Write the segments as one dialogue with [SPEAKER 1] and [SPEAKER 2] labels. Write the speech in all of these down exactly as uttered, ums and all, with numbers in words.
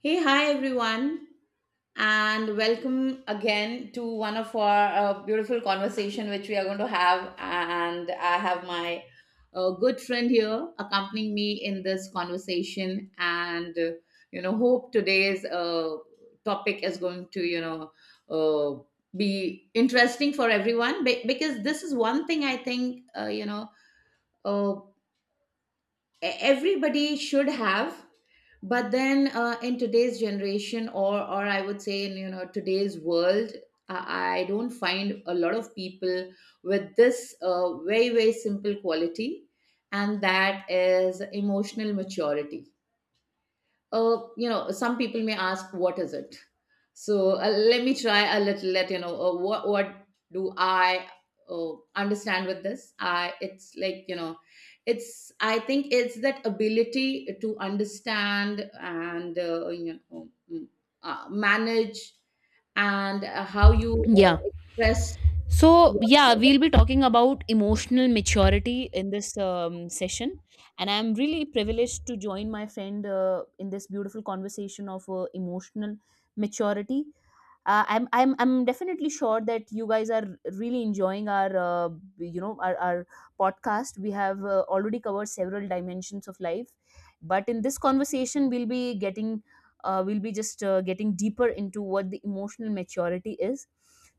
[SPEAKER 1] Hey, hi everyone, and welcome again to one of our uh, beautiful conversation which we are going to have. And I have my uh, good friend here accompanying me in this conversation, and uh, you know, hope today's uh, topic is going to you know uh, be interesting for everyone be- because this is one thing I think uh, you know. uh, e- everybody should have, but then uh, in today's generation or or I would say in you know today's world, i I don't find a lot of people with this uh, very very simple quality, and that is emotional maturity. Uh, you know, some people may ask, what is it? So uh, let me try a little. Let you know uh, what what do I uh, understand with this? I It's like you know, it's, I think it's that ability to understand and uh, you know mm, uh, manage and uh, how you
[SPEAKER 2] Yeah.
[SPEAKER 1] uh, express
[SPEAKER 2] So, yeah,
[SPEAKER 1] yourself.
[SPEAKER 2] we'll be talking about emotional maturity in this um, session. And I'm really privileged to join my friend uh, in this beautiful conversation of uh, emotional maturity. Uh, I'm, I'm, I'm definitely sure that you guys are really enjoying our, uh, you know, our, our podcast. We have uh, already covered several dimensions of life, but in this conversation, we'll be getting, uh, we'll be just uh, getting deeper into what the emotional maturity is.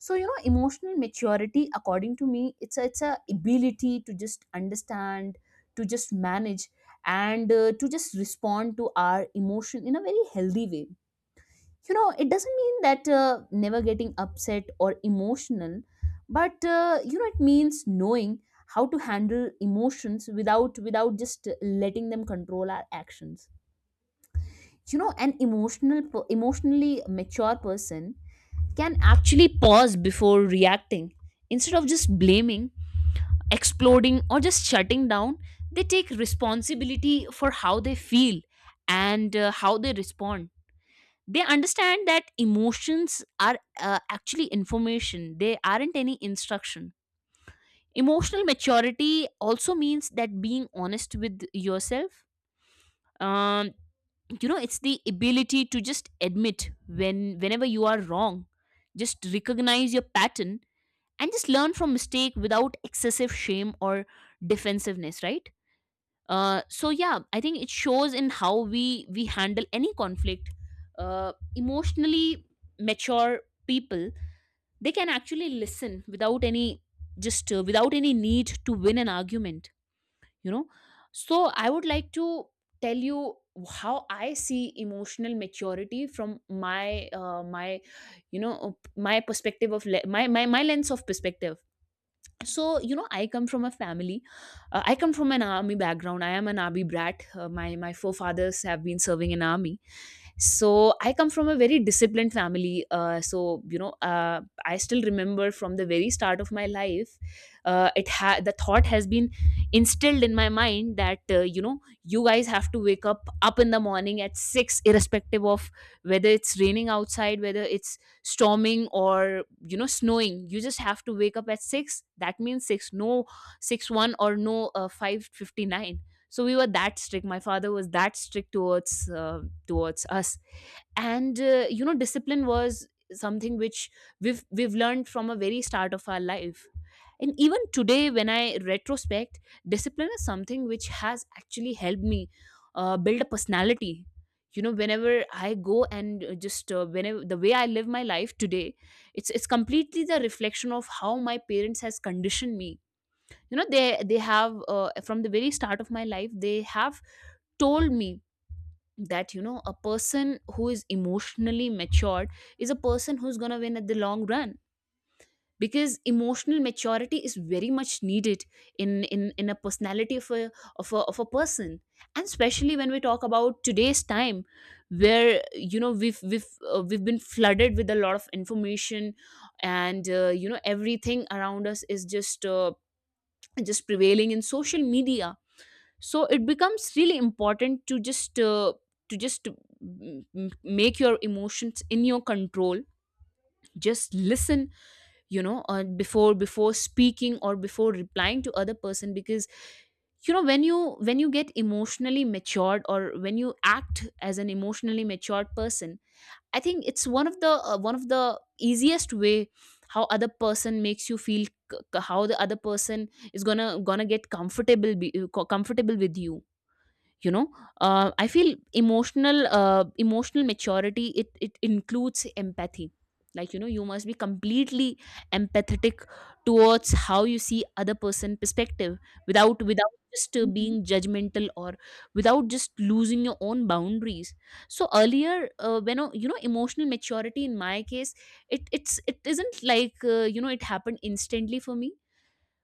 [SPEAKER 2] So you know emotional maturity, according to me, it's a, it's a ability to just understand, to just manage, and uh, to just respond to our emotion in a very healthy way. You know, it doesn't mean that uh, never getting upset or emotional, but uh, you know, it means knowing how to handle emotions without without just letting them control our actions. You know, an emotional per- emotionally mature person can actually pause before reacting. Instead of just blaming, exploding, or just shutting down, they take responsibility for how they feel and uh, how they respond. They understand that emotions are uh, actually information, they aren't any instruction. Emotional maturity also means that being honest with yourself. Um, you know, it's the ability to just admit when whenever you are wrong, just recognize your pattern, and just learn from mistake without excessive shame or defensiveness, right? Uh, so yeah, I think it shows in how we we handle any conflict. Uh, emotionally mature people, they can actually listen without any just uh, without any need to win an argument you know so I would like to tell you how I see emotional maturity from my uh, my you know uh, my perspective, of le- my, my my lens of perspective. So you know I come from a family. uh, I come from an army background. I am an army brat. Uh, my my forefathers have been serving in army. So I come from a very disciplined family. uh, so you know uh, I still remember from the very start of my life, uh, it ha- the thought has been instilled in my mind that uh, you know you guys have to wake up up in the morning at six irrespective of whether it's raining outside, whether it's storming, or you know snowing. You just have to wake up at six. That means six, no, six one, or no, uh, five fifty-nine. So we were that strict. My father was that strict towards uh, towards us. And uh, you know discipline was something which we've we've learned from a very start of our life. And even today when I retrospect, discipline is something which has actually helped me uh, build a personality. You know, whenever I go and uh, just uh, whenever, the way I live my life today, it's it's completely the reflection of how my parents has conditioned me. You know, they they have, uh, from the very start of my life, they have told me that you know a person who is emotionally matured is a person who's going to win at the long run, because emotional maturity is very much needed in in in a personality of a of a, of a person. And especially when we talk about today's time, where you know we've we've uh, we've been flooded with a lot of information. And uh, you know everything around us is just uh, just prevailing in social media. So it becomes really important to just uh, to just mm, mm, make your emotions in your control. Just listen, you know uh, before before speaking or before replying to other person, because you know, when you when you get emotionally matured, or when you act as an emotionally matured person, I think it's one of the uh, one of the easiest way how other person makes you feel. C- c- how the other person is gonna gonna get comfortable, be, uh, co- comfortable with you. You know uh, I feel emotional, uh, emotional maturity, it it includes empathy. Like, you know, you must be completely empathetic towards how you see other person perspective, without without just uh,
[SPEAKER 1] Mhm.
[SPEAKER 2] being judgmental, or without just losing your own boundaries. So earlier, uh, when uh, you know emotional maturity in my case, it it's it isn't like, uh, you know it happened instantly for me.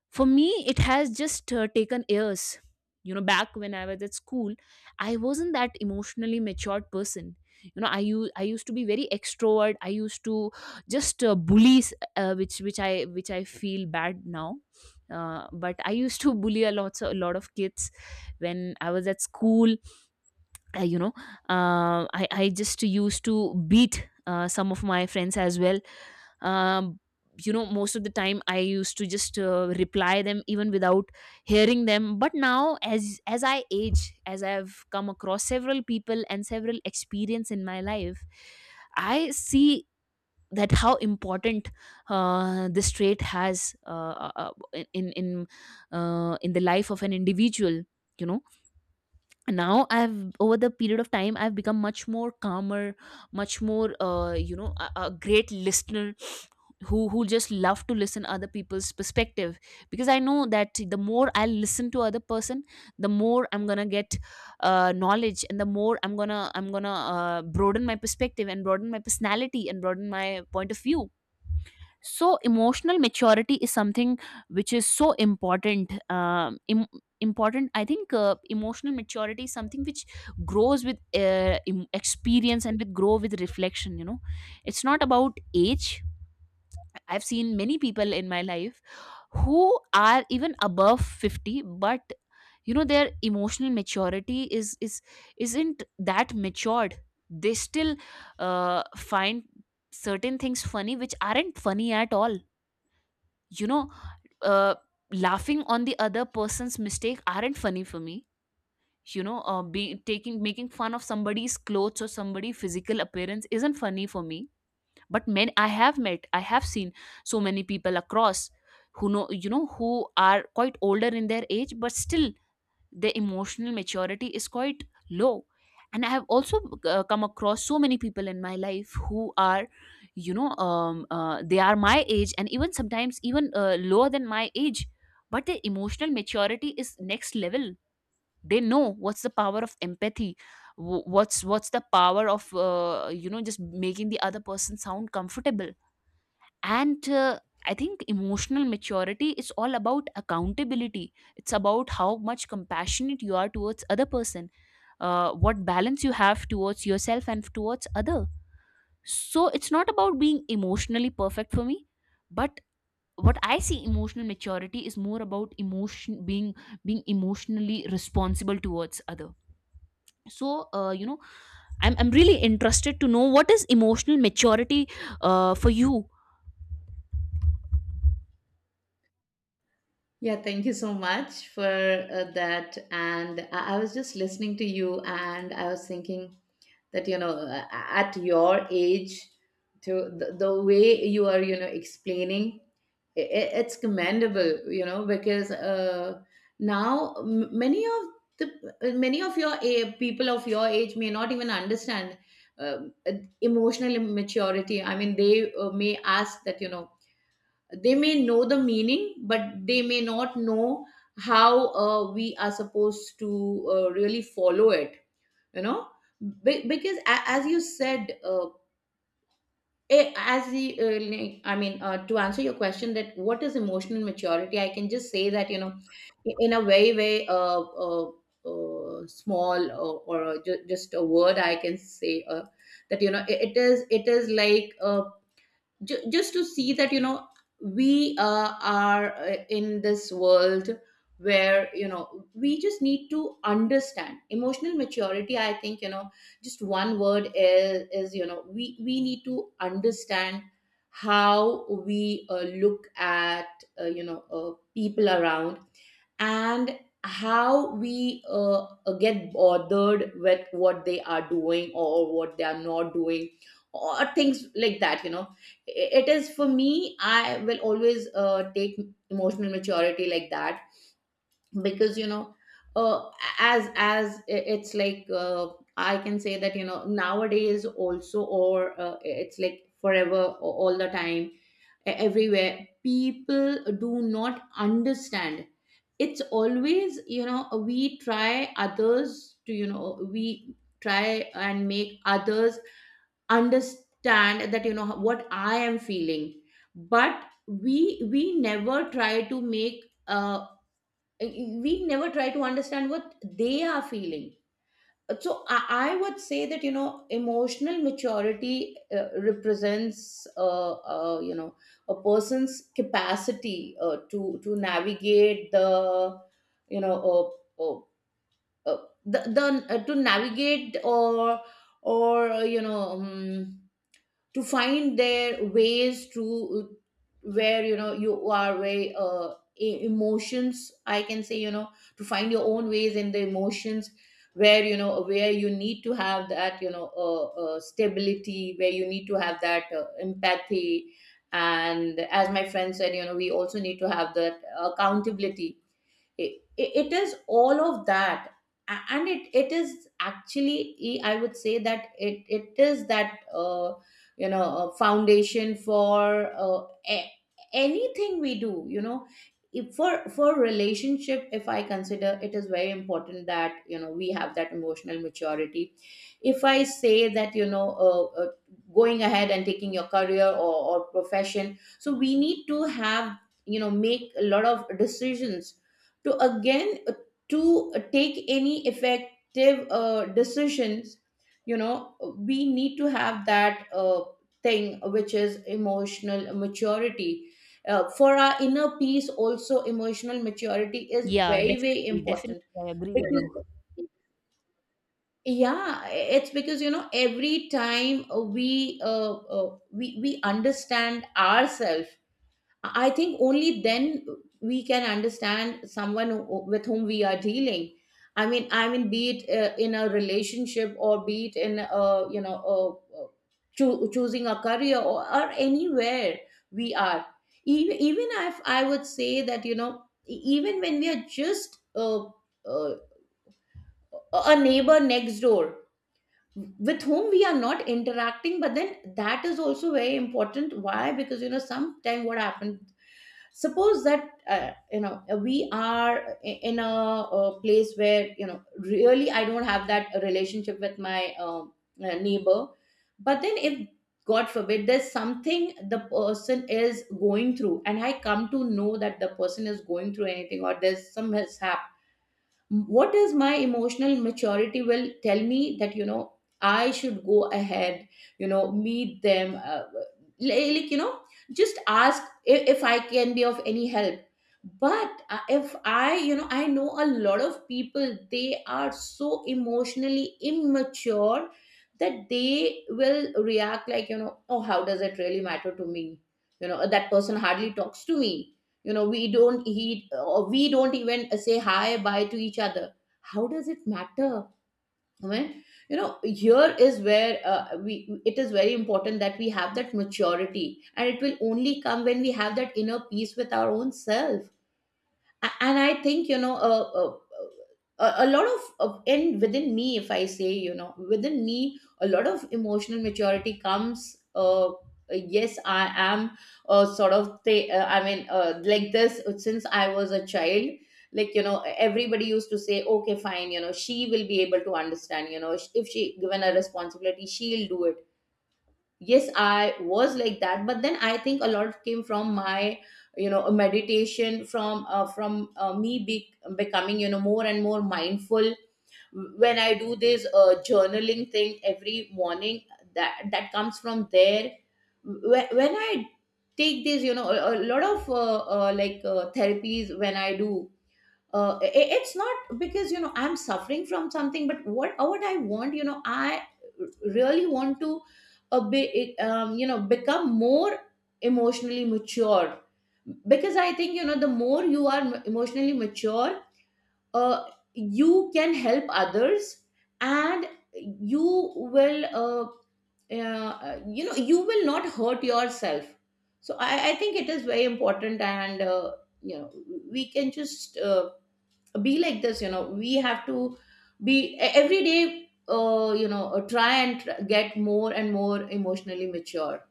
[SPEAKER 2] For me, it has just uh, taken years. You know, back when I was at school, I wasn't that emotionally matured person. You know, i u- i used to be very extrovert. I used to just uh, bully, uh, which which i which i feel bad now. Uh, but I used to bully a lot a lot of kids when I was at school. Uh, you know uh, I, I just used to beat uh, some of my friends as well. um, you know Most of the time I used to just uh, reply them even without hearing them. But now, as as I age, as I've come across several people and several experience in my life, I see that how important uh, this trait has, uh, uh, uh, in in in, uh, in the life of an individual. you know Now, I've over the period of time, I've become much more calmer, much more, uh, you know a, a great listener, who who just love to listen other people's perspective, because I know that the more I listen to other person, the more I'm gonna get uh, knowledge, and the more i'm gonna i'm gonna uh, broaden my perspective and broaden my personality and broaden my point of view. So emotional maturity is something which is so important. Um im- important, I think, uh, emotional maturity is something which grows with uh, im- experience, and with grow with reflection. You know, it's not about age. I've seen many people in my life who are even above fifty, but you know, their emotional maturity is is isn't that matured. They still uh, find certain things funny which aren't funny at all. You know, uh, laughing on the other person's mistake aren't funny for me. You know, uh, be taking making fun of somebody's clothes or somebody's physical appearance isn't funny for me. But men, I have met, I have seen so many people across, who know you know who are quite older in their age, but still their emotional maturity is quite low. And I have also uh, come across so many people in my life who are, you know um, uh, they are my age, and even sometimes even uh, lower than my age, but their emotional maturity is next level. They know what's the power of empathy, wh- what's what's the power of uh, you know just making the other person sound comfortable. And uh, I think emotional maturity is all about accountability. It's about how much compassionate you are towards other person, uh, what balance you have towards yourself and towards other. So it's not about being emotionally perfect for me, but what I see emotional maturity is more about emotion being being emotionally responsible towards other. So uh, you know I'm, I'm really interested to know what is emotional maturity uh, for you.
[SPEAKER 1] Yeah, thank you so much for uh, that. And I, I was just listening to you, and I was thinking that you know uh, at your age, to the, the way you are, you know, explaining it, it's commendable, you know, because uh, now m- many of the uh, many of your a- people of your age may not even understand um, uh, emotional immaturity. I mean, they uh, may ask that you know, they may know the meaning but they may not know how uh, we are supposed to uh, really follow it, you know. Be- because a- as you said uh, eh, as the uh, like- I mean, uh, to answer your question that what is emotional maturity, I can just say that you know, in a very very uh, uh, uh, small or, or ju- just a word, I can say uh, that you know, it, it is, it is like uh, ju- just to see that you know, we uh, are uh, in this world where you know, we just need to understand emotional maturity. I think you know, just one word is is you know, we we need to understand how we uh, look at uh, you know uh, people around, and how we uh, uh, get bothered with what they are doing or what they are not doing or things like that, you know. I- it is, for me I will always uh, take emotional maturity like that, because you know, uh, as as i- it's like, uh, I can say that you know, nowadays also, or uh, it's like forever, a- all the time, e- everywhere, people do not understand. It's always, you know, we try others to, you know, we try and make others understand that you know what I am feeling, but we we never try to make, uh, we never try to understand what they are feeling. So I, I would say that you know, emotional maturity uh, represents uh, uh, you know a person's capacity uh, to to navigate the, you know, uh, uh, uh, the, the uh, to navigate, or or you know, um, to find their ways to where you know, you are very uh, e- emotions, I can say, you know, to find your own ways in the emotions, where you know, where you need to have that, you know, uh, uh, stability, where you need to have that uh, empathy, and as my friend said, you know, we also need to have that accountability. It, it is all of that. A- and it, it is actually, e, I would say that it, it is that uh, you know uh, foundation for uh, a- anything we do, you know. If, for for relationship if I consider, it is very important that you know, we have that emotional maturity. If I say that you know, uh, uh, going ahead and taking your career, or, or profession, so we need to have, you know, make a lot of decisions, to again uh, to uh, take any effective uh, decisions, you know, we need to have that uh, thing, which is emotional maturity. Uh, for our inner peace also, emotional maturity is
[SPEAKER 2] Yeah,
[SPEAKER 1] very very
[SPEAKER 2] definitely,
[SPEAKER 1] important,
[SPEAKER 2] definitely, I agree with you.
[SPEAKER 1] because yeah, it's because you know, every time uh, we uh, uh, we we understand ourselves, I think only then we can understand someone who- with whom we are dealing. I mean, I mean, be it uh, in a relationship, or be it in a, you know, a, a choo- choosing a career, or, or anywhere we are. Even, even if I would say that, you know, e- even when we are just uh, uh, a neighbor next door, with whom we are not interacting, but then that is also very important. Why? Because you know, sometime what happened, suppose that uh, you know, we are, i- in a, uh, place where you know, really I don't have that relationship with my um, uh, neighbor, but then if, god forbid, there's something the person is going through, and I come to know that the person is going through anything, or there's some mishap, what is, my emotional maturity will tell me that you know, I should go ahead, you know, meet them, uh, li- like you know, just ask if, if I can be of any help. But uh, if I, you know, I know a lot of people, they are so emotionally immature, that they will react like, you know, oh, how does it really matter to me? You know, that person hardly talks to me. You know, we don't eat, or we don't even say hi bye to each other. How does it matter? I mean, you know, here is where uh, we it is very important that we have that maturity, and it will only come when we have that inner peace with our own self. A- and I think you know, uh, uh, a, a lot of of- in within me, if I say, you know, within me, a lot of emotional maturity comes. uh, yes, I am uh, sort of th- uh, I mean, uh, like this, uh, since I was a child, like you know, everybody used to say, okay fine, you know, she will be able to understand, you know, if she given a responsibility, she'll do it. Yes, I was like that, but then I think a lot came from my, you know, meditation, from uh, from uh, me be- becoming, you know, more and more mindful. When I do this uh, journaling thing every morning, that, that comes from there. Wh- when I take this, you know, a, a lot of uh, uh, like uh, therapies, when I do uh, i- i- it's not because you know, I'm suffering from something, but what, uh, what I want, you know, I really want to a bit, um, you know, become more emotionally mature, because I think you know, the more you are m- emotionally mature, uh, you can help others, and you will uh, uh, you know, you will not hurt yourself. So i, I think it is very important, and uh, you know, we can just uh, be like this, you know, we have to be, e- every day, uh, you know uh, try and tr- get more and more emotionally mature.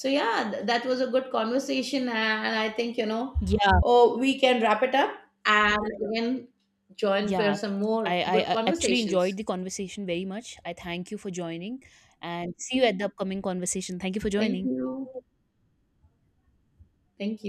[SPEAKER 1] So yeah, th- that was a good conversation, and I think you know,
[SPEAKER 2] Yeah,
[SPEAKER 1] oh, we can wrap it up, and again join for
[SPEAKER 2] yeah.
[SPEAKER 1] some more
[SPEAKER 2] I,
[SPEAKER 1] good
[SPEAKER 2] I I actually
[SPEAKER 1] conversations.
[SPEAKER 2] enjoyed the conversation very much. I thank you for joining, and see you at the upcoming conversation. Thank you for
[SPEAKER 1] Thank
[SPEAKER 2] joining.
[SPEAKER 1] you. Thank